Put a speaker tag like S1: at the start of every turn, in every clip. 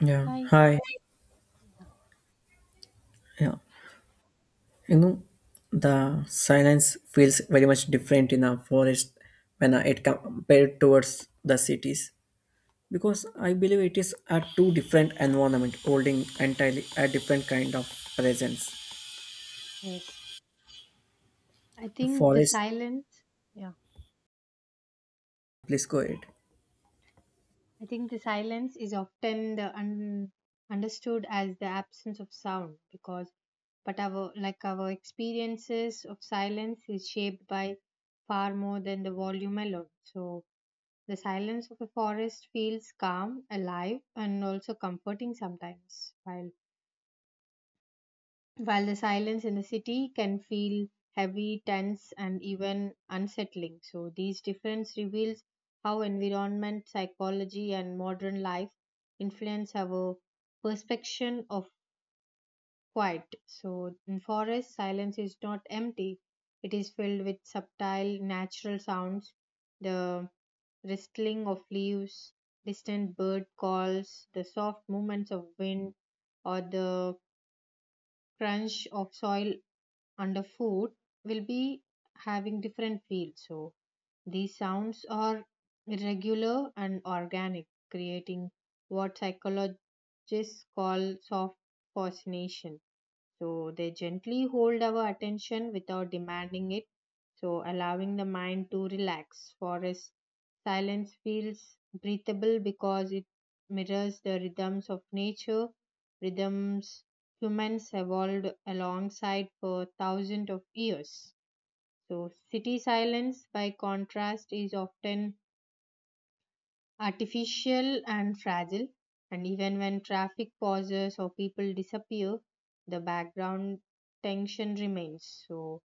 S1: Yeah.
S2: Hi.
S1: Hi.
S2: Yeah.
S1: Yeah. You know, the silence feels very much different in a forest when it compared towards the cities because I believe it is a two different environment holding entirely a different kind of presence.
S2: Yes. I think the
S1: Forest,
S2: silence. Yeah.
S1: please go ahead.
S2: I think the silence is often understood as the absence of sound but our experiences of silence is shaped by far more than the volume alone. So the silence of a forest feels calm, alive, and also comforting sometimes. While the silence in the city can feel heavy, tense, and even unsettling. So, these difference reveals how environment, psychology, and modern life influence our perception of quiet. So, in forest, silence is not empty; it is filled with subtle, natural sounds, the rustling of leaves, distant bird calls, the soft movements of wind, or the crunch of soil and the food will be having different feel. So these sounds are irregular and organic, creating what psychologists call soft fascination. So they gently hold our attention without demanding it, so allowing the mind to relax. Forest silence feels breathable because it mirrors the rhythms of nature, rhythms humans evolved alongside for thousands of years. So city silence by contrast is often artificial and fragile. And even when traffic pauses or people disappear, the background tension remains. So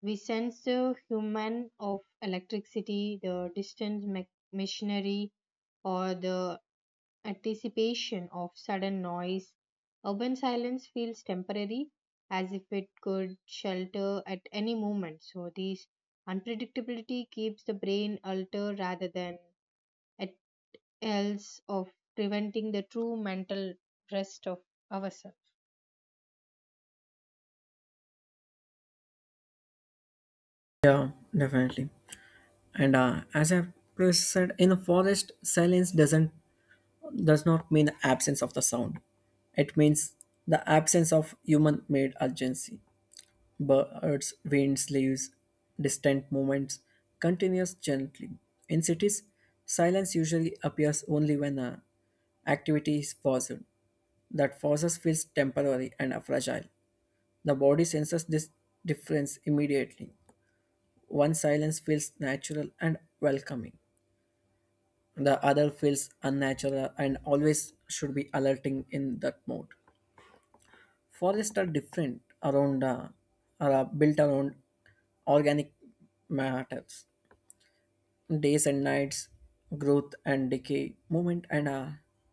S2: we sense the human of electricity, the distant machinery, or the anticipation of sudden noise. Urban silence feels temporary, as if it could shelter at any moment. So, this unpredictability keeps the brain alert rather than at else of preventing the true mental rest of ourselves.
S1: Yeah, definitely. And as I previously said, in a forest, silence does not mean absence of the sound. It means the absence of human-made urgency. Birds, winds, leaves, distant movements continues gently. In cities, silence usually appears only when activity is paused. That pauses feels temporary and fragile. The body senses this difference immediately. One silence feels natural and welcoming. The other feels unnatural and always should be alerting in that mode. Forests are different around are built around organic matters, days and nights, growth and decay, movement, and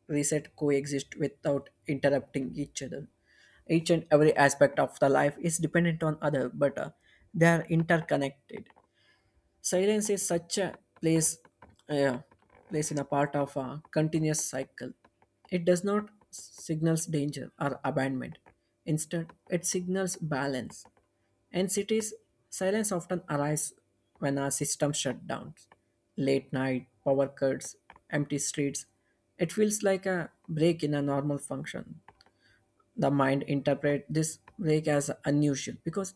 S1: reset coexist without interrupting each other. Each and every aspect of the life is dependent on other, but they are interconnected. Silence is such a place, yeah, place in a part of a continuous cycle. It does not signals danger or abandonment. Instead, it signals balance. In cities, silence often arises when our system shut down. Late night, power cuts, empty streets. It feels like a break in a normal function. The mind interpret this break as unusual because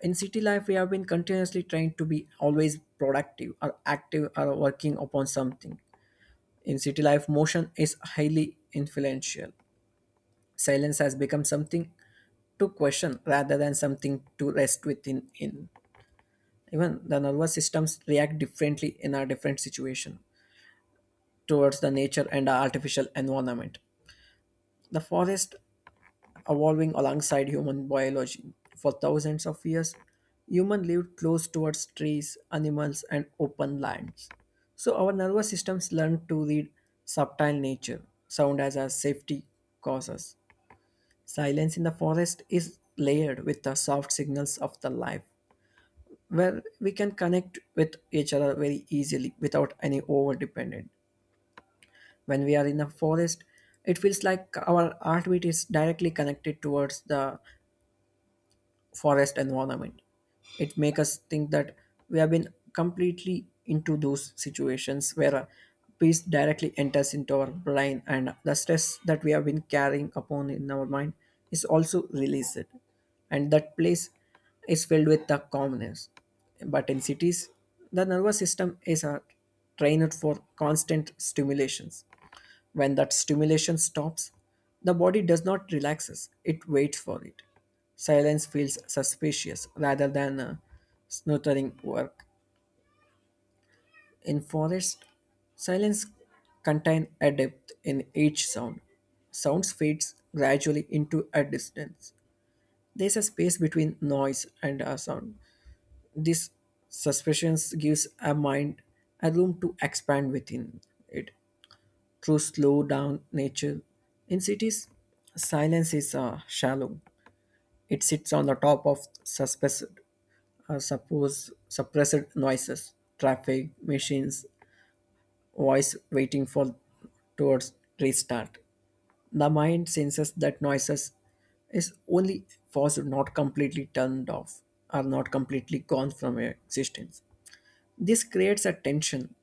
S1: in city life we have been continuously trying to be always productive or active or working upon something. In city life motion is highly influential. Silence has become something to question rather than something to rest within in. Even the nervous systems react differently in our different situation towards the nature and our artificial environment, the forest evolving alongside human biology. For thousands of years, humans lived close towards trees, animals, and open lands. So our nervous systems learn to read subtle nature, sound as a safety causes. Silence in the forest is layered with the soft signals of the life, where we can connect with each other very easily without any overdependent. When we are in the forest, it feels like our heartbeat is directly connected towards the forest environment. It make us think that we have been completely into those situations where peace directly enters into our brain and the stress that we have been carrying upon in our mind is also released, and that place is filled with the calmness. But in cities the nervous system is trained for constant stimulations. When that stimulation stops, the body does not relaxes, it waits for it. Silence feels suspicious rather than a snootering work. In forest, silence contains a depth in each sound. Sounds fades gradually into a distance. There's a space between noise and a sound. This suspension gives a mind a room to expand within it, to slow down nature. In cities, silence is shallow. It sits on the top of suspected, suppose suppressed noises, traffic, machines, voice waiting for towards restart. The mind senses that noises is only forced, not completely turned off, or not completely gone from existence. This creates a tension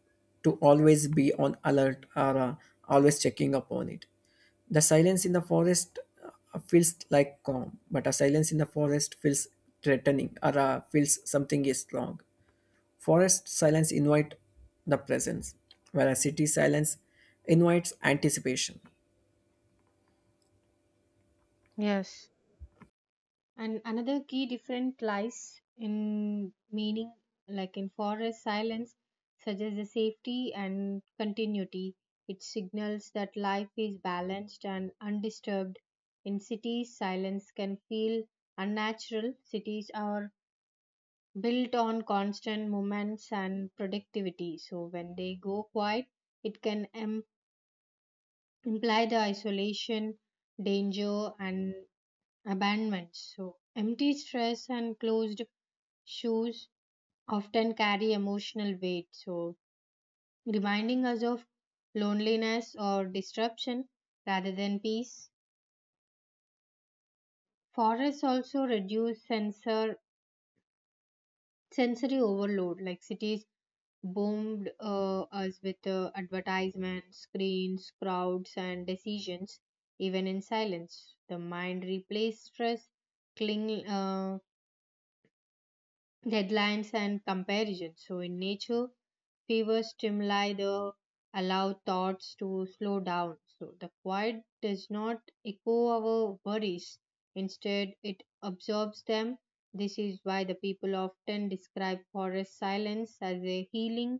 S1: to always be on alert or always checking upon it. The silence in the forest feels like calm, but a silence in the forest feels threatening or feels something is wrong. Forest silence invite the presence, whereas city silence invites anticipation.
S2: Yes. And another key difference lies in meaning, like in forest silence, suggests the safety and continuity. It signals that life is balanced and undisturbed. In cities, silence can feel unnatural. Cities are built on constant movements and productivity. So when they go quiet, it can implied isolation, danger, and abandonment. So, empty stress and closed shoes often carry emotional weight. So, reminding us of loneliness or disruption rather than peace. Forests also reduce sensory overload, like cities boomed us with advertisements, screens, crowds, and decisions, even in silence. The mind replaces stress, cling, uh, deadlines, and comparisons. So, in nature, fever stimuli the allow thoughts to slow down. So, the quiet does not echo our worries, instead, it absorbs them. This is why the people often describe forest silence as a healing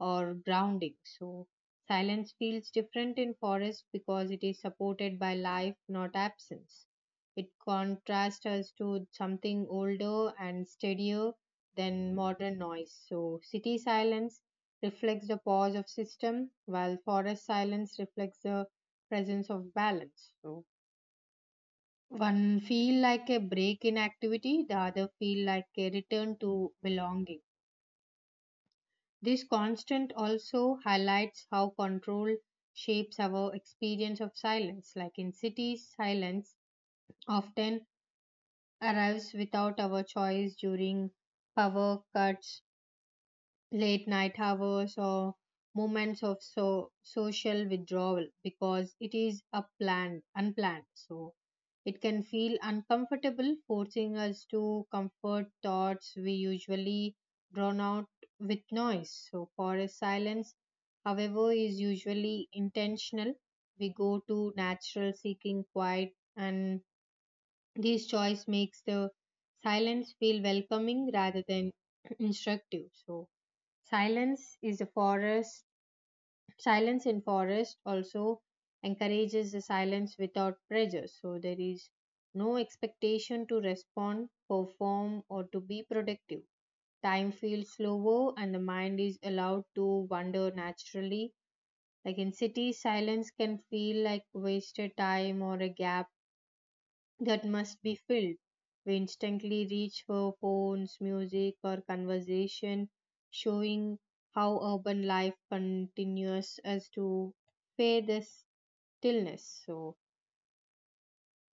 S2: or grounding. So, silence feels different in forest because it is supported by life, not absence. It contrasts us to something older and steadier than modern noise. So, city silence reflects the pause of system, while forest silence reflects the presence of balance. So, one feel like a break in activity, the other feel like a return to belonging. This constant also highlights how control shapes our experience of silence. Like in cities, silence often arrives without our choice during power cuts, late night hours or moments of so social withdrawal because it is a planned unplanned so it can feel uncomfortable forcing us to comfort thoughts we usually drown out with noise so forest silence however is usually intentional we go to natural seeking quiet and this choice makes the silence feel welcoming rather than instructive so Silence is a forest. Silence in forest also encourages the silence without pressure. So there is no expectation to respond, perform, or to be productive. Time feels slower, and the mind is allowed to wander naturally. Like in cities, silence can feel like wasted time or a gap that must be filled. We instantly reach for phones, music, or conversation, showing how urban life continues as to pay this stillness. So,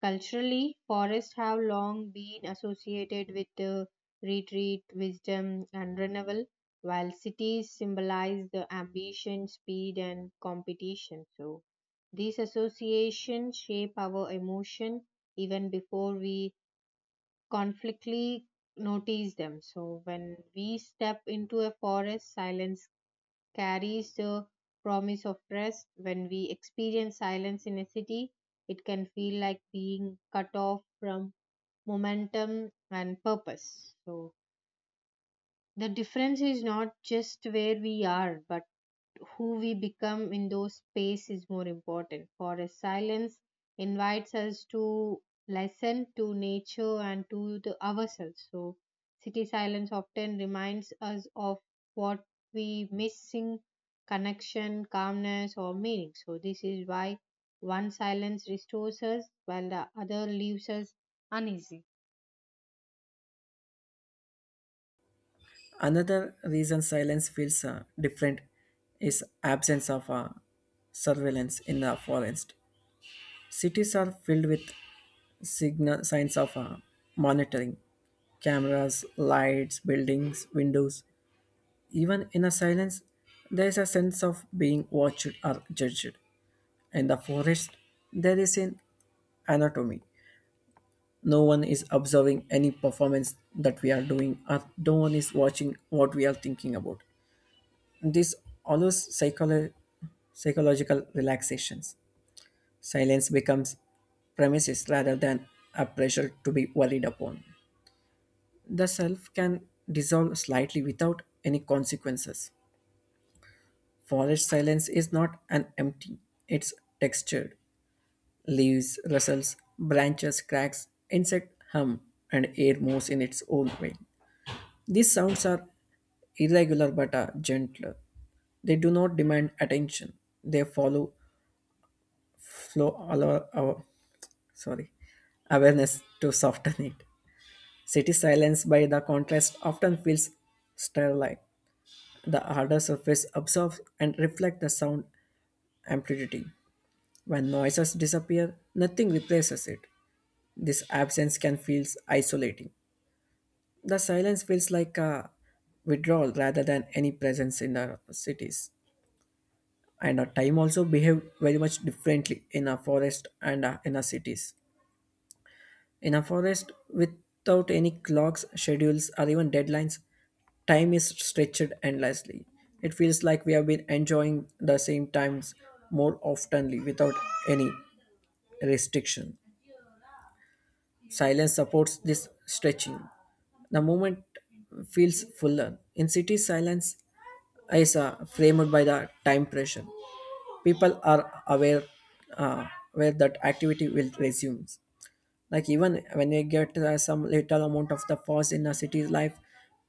S2: culturally, forests have long been associated with the retreat, wisdom, and renewal, while cities symbolize the ambition, speed, and competition. So, these associations shape our emotion even before we conflictly notice them. So when we step into a forest, silence carries the promise of rest. When we experience silence in a city, it can feel like being cut off from momentum and purpose. So the difference is not just where we are, but who we become in those space is more important. Forest silence invites us to listen to nature and to the ourselves. So city silence often reminds us of what we missing connection, calmness or meaning. So this is why one silence restores us while the other leaves us uneasy.
S1: Another reason silence feels different is absence of surveillance in the forest. Cities are filled with signal signs of monitoring, cameras, lights, buildings, windows. Even in a silence there is a sense of being watched or judged. In the forest there is an anatomy. No one is observing any performance that we are doing, or no one is watching what we are thinking about. This allows psychological relaxations. Silence becomes premises rather than a pressure to be worried upon. The self can dissolve slightly without any consequences. Forest silence is not an empty, it's textured. Leaves rustles, branches cracks, insect hum, and air moves in its own way. These sounds are irregular but are gentler. They do not demand attention. They follow flow allow our sorry awareness to soften it. City silence by the contrast often feels sterile. The harder surface absorbs and reflects the sound amplitude. When noises disappear, nothing replaces it. This absence can feel isolating. The silence feels like a withdrawal rather than any presence in the cities. And our time also behave very much differently in a forest and in our cities. In a forest without any clocks, schedules, or even deadlines, time is stretched endlessly. It feels like we have been enjoying the same times more oftenly without any restriction. Silence supports this stretching. The moment feels fuller. In cities, silence is framed by the time pressure. People are uh, aware that activity will resume. Like even when you get some little amount of the pause in a city's life,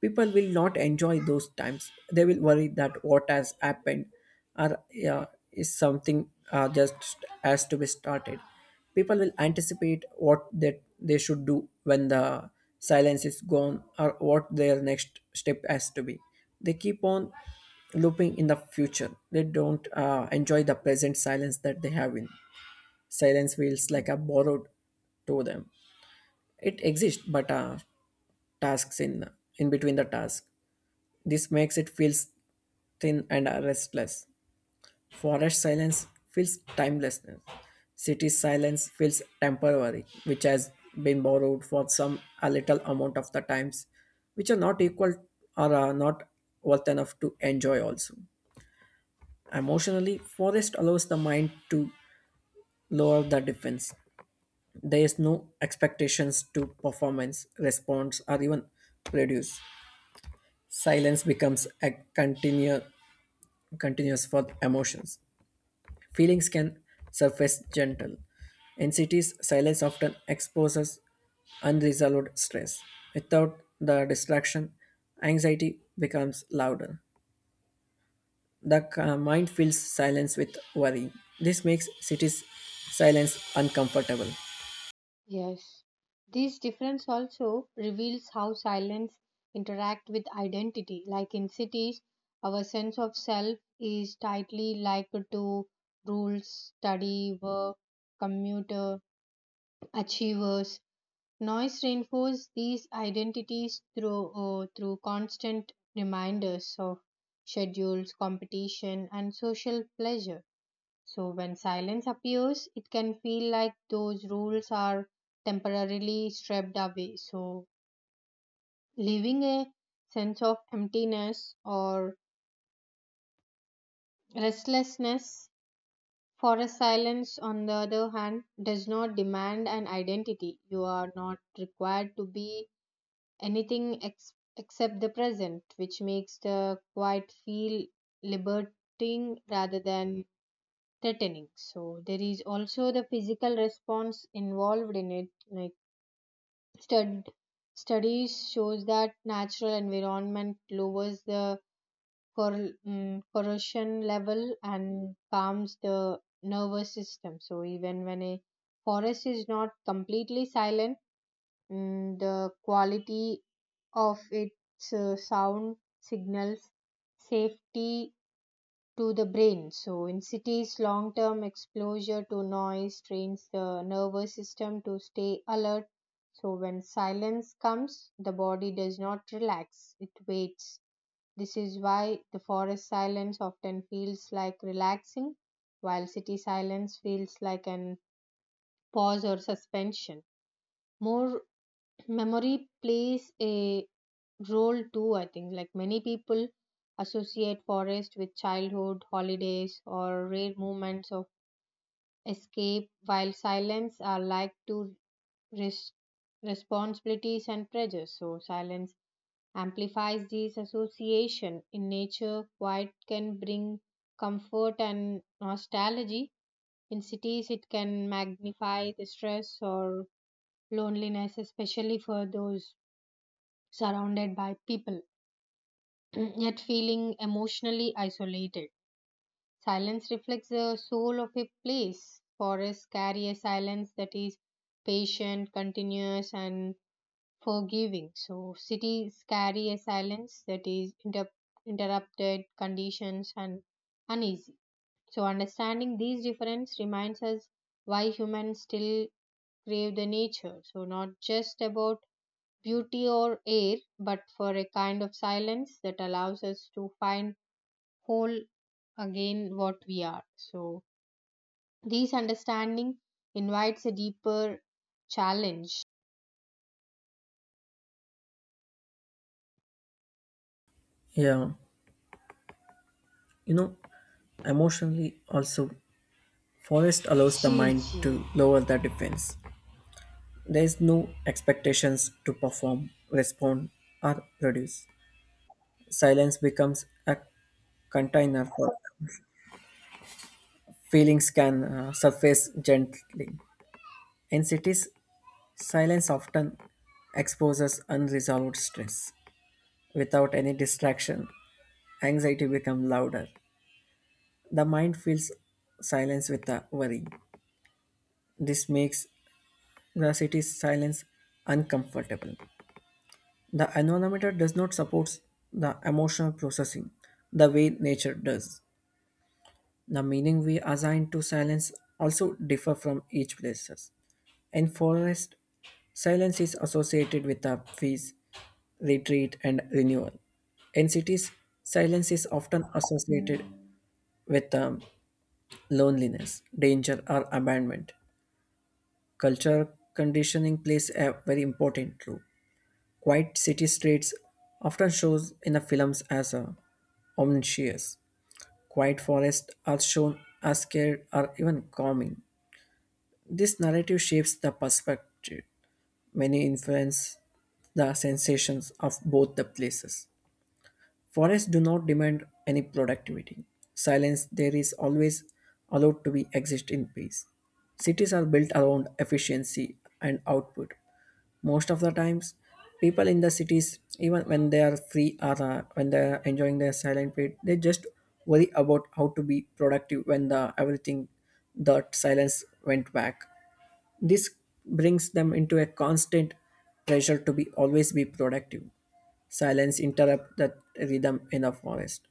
S1: people will not enjoy those times. They will worry that what has happened, or yeah, is something just has to be started. People will anticipate what that they should do when the silence is gone or what their next step has to be. They keep on looping in the future. They don't enjoy the present silence that they have in. Silence feels like a borrowed to them. It exists but tasks in between the task. This makes it feels thin and restless. Forest silence feels timelessness, city silence feels temporary, which has been borrowed for some a little amount of the times which are not equal or are not worth enough to enjoy also. Emotionally, forest allows the mind to lower the defense. There is no expectations to performance response or even produce. Silence becomes a continuous for emotions. Feelings can surface gentle. In cities, silence often exposes unresolved stress. Without the distraction, anxiety becomes louder. The mind fills silence with worry. This makes cities' silence uncomfortable.
S2: Yes. This difference also reveals how silence interact with identity. Like in cities, our sense of self is tightly linked to rules, study, work, commuter, achievers. Noise reinforces these identities through constant reminders of schedules, competition, and social pleasure so, when silence appears, it can feel like those rules are temporarily stripped away. So, leaving a sense of emptiness or restlessness for silence, on the other hand, does not demand an identity. You are not required to be anything except the present, which makes the quiet feel liberating rather than threatening. So there is also the physical response involved in it. Like stud- studies shows that natural environment lowers the corrosion level and calms the nervous system. So even when a forest is not completely silent, the quality of its sound signals safety to the brain. So, in cities, long term exposure to noise trains the nervous system to stay alert. So, when silence comes, the body does not relax, it waits. This is why the forest silence often feels like relaxing, while city silence feels like an pause or suspension. More memory plays a role too I think like many people associate forest with childhood holidays or rare moments of escape while silence are like to res- responsibilities and pressures so silence amplifies these association in nature quiet can bring comfort and nostalgia in cities it can magnify the stress or loneliness especially for those surrounded by people, yet feeling emotionally isolated. Silence reflects the soul of a place. Forests carry a silence that is patient, continuous, and forgiving. So, cities carry a silence that is interrupted, conditions, and uneasy. So, understanding these differences reminds us why humans still crave the nature. So, not just about beauty or air, but for a kind of silence that allows us to find whole again what we are. So, this understanding invites a deeper challenge.
S1: Yeah, you know, emotionally also, forest allows the
S2: Gee,
S1: mind
S2: gee.
S1: to lower the defense. There is no expectations to perform, respond, or produce. Silence becomes a container for feelings can surface gently. In cities, silence often exposes unresolved stress. Without any distraction, anxiety becomes louder. The mind feels silence with a worry. This makes the city's silence uncomfortable. The environment does not support the emotional processing the way nature does. The meaning we assign to silence also differ from each places. In forest, silence is associated with a peace, retreat, and renewal. In cities, silence is often associated with loneliness, danger, or abandonment. Culture conditioning plays a very important role. Quiet city streets often shows in the films as omniscious. Quiet forests are shown as scared or even calming. This narrative shapes the perspective. Many influence the sensations of both the places. Forests do not demand any productivity. Silence there is always allowed to be exist in peace. Cities are built around efficiency and output. Most of the times, people in the cities, even when they are free or when they are enjoying their silent period, they just worry about how to be productive when the everything that silence went back. This brings them into a constant pressure to be always be productive. Silence interrupts that rhythm in the forest.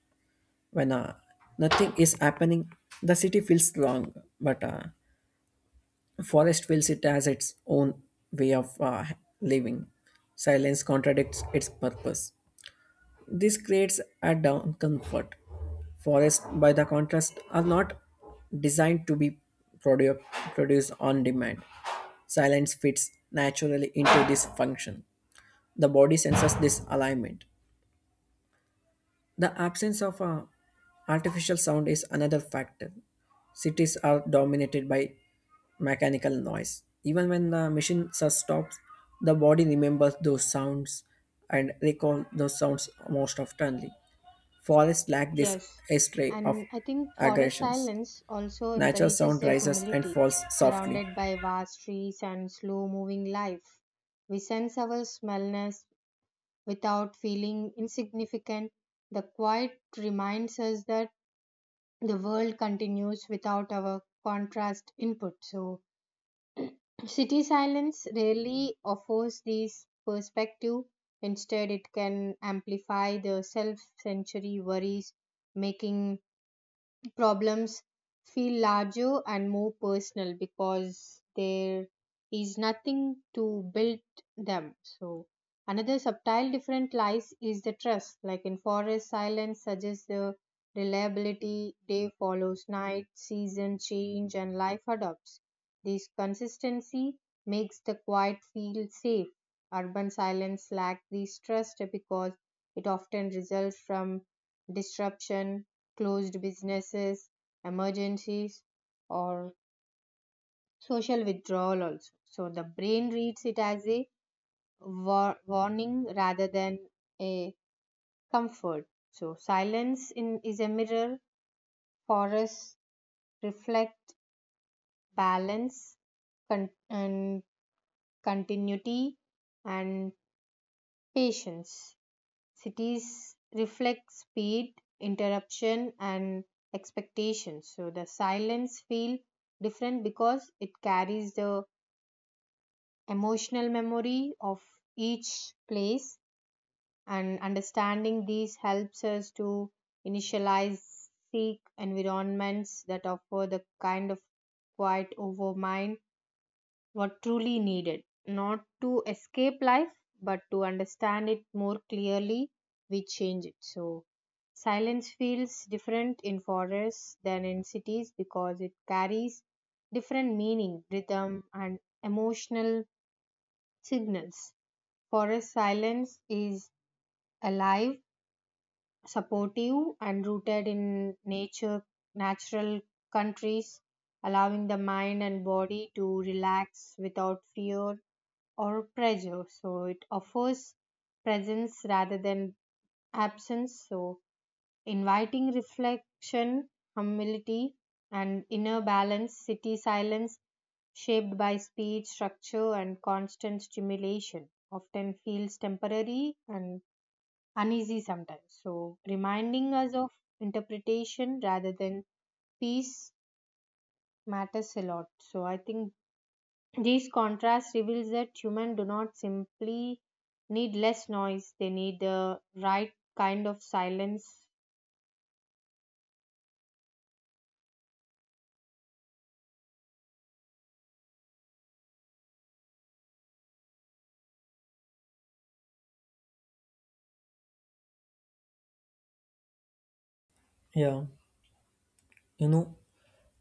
S1: When nothing is happening, the city feels wrong, but forest feels it as its own way of living. Silence contradicts its purpose. This creates a discomfort. Forests, by the contrast, are not designed to be produ- produced on demand. Silence fits naturally into this function. The body senses this alignment. The absence of a artificial sound is another factor. Cities are dominated by mechanical noise. Even when the stops, the body remembers those sounds and recall those sounds most oftenly. Forests lack this
S2: Yes.
S1: history of
S2: And I think forest
S1: aggressions.
S2: silence also
S1: Natural
S2: encourages
S1: sound
S2: the
S1: rises and
S2: humility.
S1: falls softly.
S2: Surrounded by vast trees and slow moving life, we sense our smallness without feeling insignificant. The quiet reminds us that the world continues without our contrast input. So, city silence rarely offers this perspective. Instead, it can amplify the self century worries, making problems feel larger and more personal because there is nothing to build them. So, another subtle different lies is the trust. Like in forest, silence suggests the reliability, day follows night, season change, and life adopts. This consistency makes the quiet feel safe. Urban silence lacks this trust because it often results from disruption closed businesses, emergencies, or social withdrawal also. So the brain reads it as a warning rather than a comfort. So silence in, is a mirror for us, reflect balance and continuity and patience. Cities reflect speed, interruption, and expectations. So the silence feel different because it carries the emotional memory of each place, and understanding these helps us to initialize seek environments that offer the kind of quiet over mind what truly needed, not to escape life, but to understand it more clearly, we change it. So, silence feels different in forests than in cities because it carries different meaning, rhythm, and emotional signals. Forest silence is alive, supportive, and rooted in nature, natural countries, allowing the mind and body to relax without fear or pressure. So it offers presence rather than absence. So inviting reflection, humility, and inner balance, city silence shaped by speed, structure, and constant stimulation often feels temporary and uneasy sometimes. So reminding us of interpretation rather than peace matters a lot. So I think these contrasts reveals that humans do not simply need less noise, they need the right kind of silence.
S1: Yeah, you know,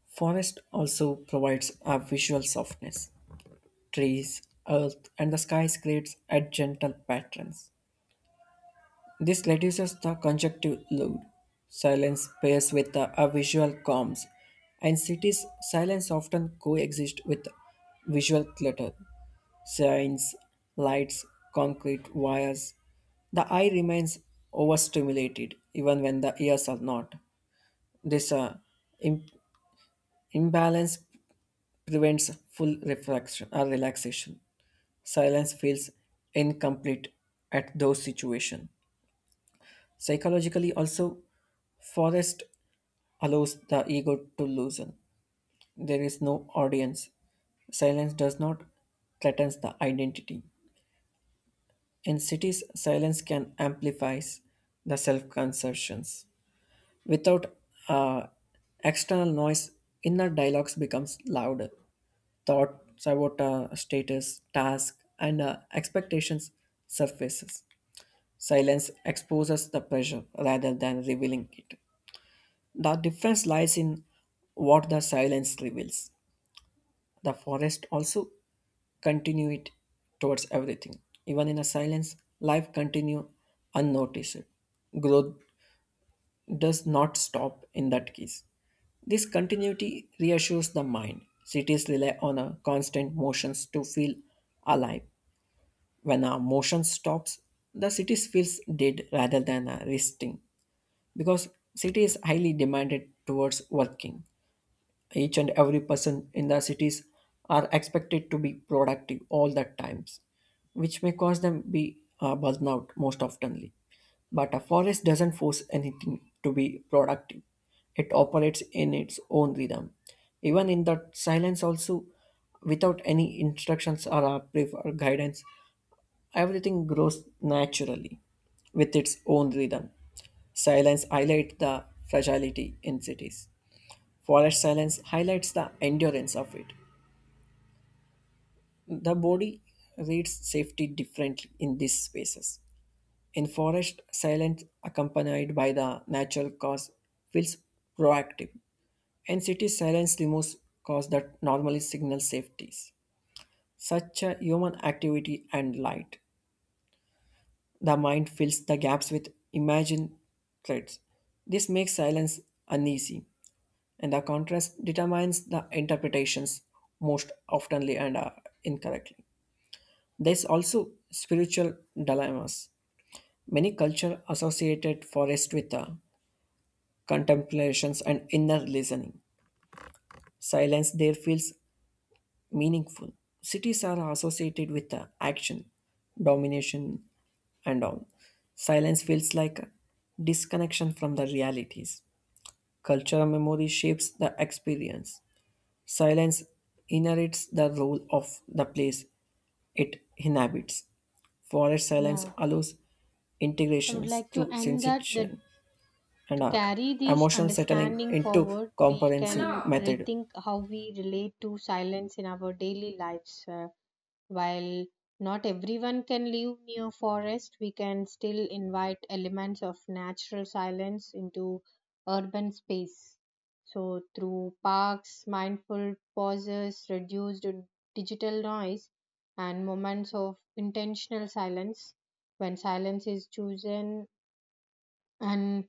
S1: forest also provides a visual softness. Trees, earth, and the skies creates a gentle patterns. This reduces the conjunctive load. Silence pairs with the a visual calms, and cities' silence often coexist with visual clutter, signs, lights, concrete, wires. The eye remains overstimulated even when the ears are not. This im- imbalance prevents full reflection or relaxation. Silence feels incomplete at those situations. Psychologically, also, forest allows the ego to loosen. There is no audience. Silence does not threaten the identity. In cities, silence can amplify the self-conceptions. Without uh, external noise, inner dialogues becomes louder. Thoughts about status, task, and expectations surfaces. Silence exposes the pressure rather than revealing it. The difference lies in what the silence reveals. The forest also continued towards everything. Even in a silence, life continue unnoticed. Growth does not stop in that case. This continuity reassures the mind. Cities rely on a constant motions to feel alive. When a motion stops, the city feels dead rather than resting, because city is highly demanded towards working. Each and every person in the cities are expected to be productive all the times, which may cause them be burnout most oftenly. But a forest doesn't force anything to be productive. It operates in its own rhythm. Even in that silence also, without any instructions or a brief or guidance, everything grows naturally with its own rhythm. Silence highlights the fragility in cities. Forest silence highlights the endurance of it. The body reads safety differently in these spaces. In forest, silence accompanied by the natural cause feels proactive. In city, silence removes cause that normally signal safeties. Such a human activity and light. The mind fills the gaps with imagined threats. This makes silence uneasy, and the contrast determines the interpretations most oftenly and incorrectly. There's also spiritual dilemmas. Many cultures associated forest with contemplations and inner listening. Silence there feels meaningful. Cities are associated with action, domination, and all. Silence feels like a disconnection from the realities. Cultural memory shapes the experience. Silence inherits the role of the place it inhabits. Forest silence
S2: Yeah.
S1: allows
S2: I would
S1: integrations
S2: like to
S1: through
S2: end that
S1: sensation and
S2: to
S1: uh,
S2: carry this
S1: emotional settling
S2: understanding
S1: into
S2: forward, we
S1: comprehensive
S2: can
S1: method.
S2: rethink how we relate to silence in our daily lives. While not everyone can live near forest, we can still invite elements of natural silence into urban space. So through parks, mindful pauses, reduced digital noise, and moments of intentional silence, when silence is chosen and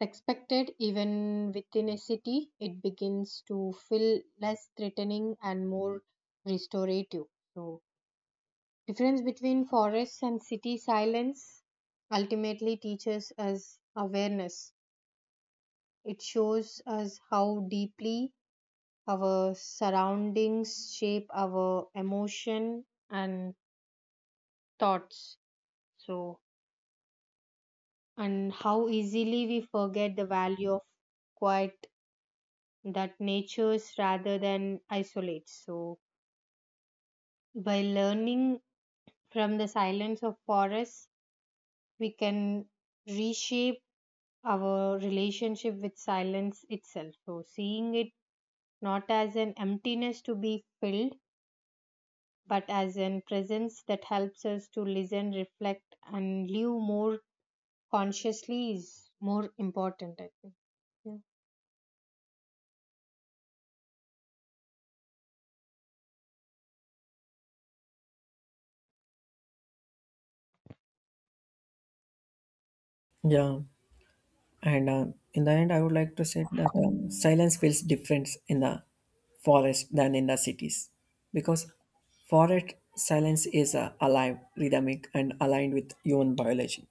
S2: expected even within a city, it begins to feel less threatening and more restorative. So difference between forests and city silence ultimately teaches us awareness. It shows us how deeply our surroundings shape our emotion and thoughts. So, and how easily we forget the value of quiet that natures rather than isolates. So, by learning from the silence of forests, we can reshape our relationship with silence itself. So, seeing it not as an emptiness to be filled, but as an presence that helps us to listen, reflect, and live more consciously is more important, I think. Yeah.
S1: Yeah, and in the end, I would like to say that silence feels different in the forest than in the cities because forest silence is alive, rhythmic, and aligned with human biology.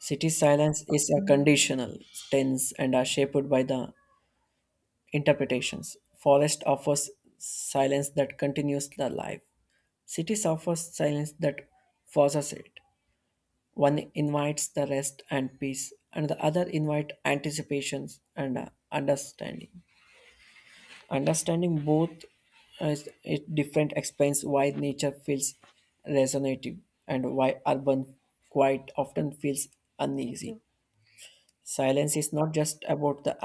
S1: City silence is a conditional, tense, and are shaped by the interpretations. Forest offers silence that continues the life. Cities offers silence that forces it. One invites the rest and peace, and the other invite anticipations and understanding. Understanding both is it different explains why nature feels resonative and why urban quite often feels
S2: Thank
S1: uneasy.
S2: you.
S1: Silence is not just about the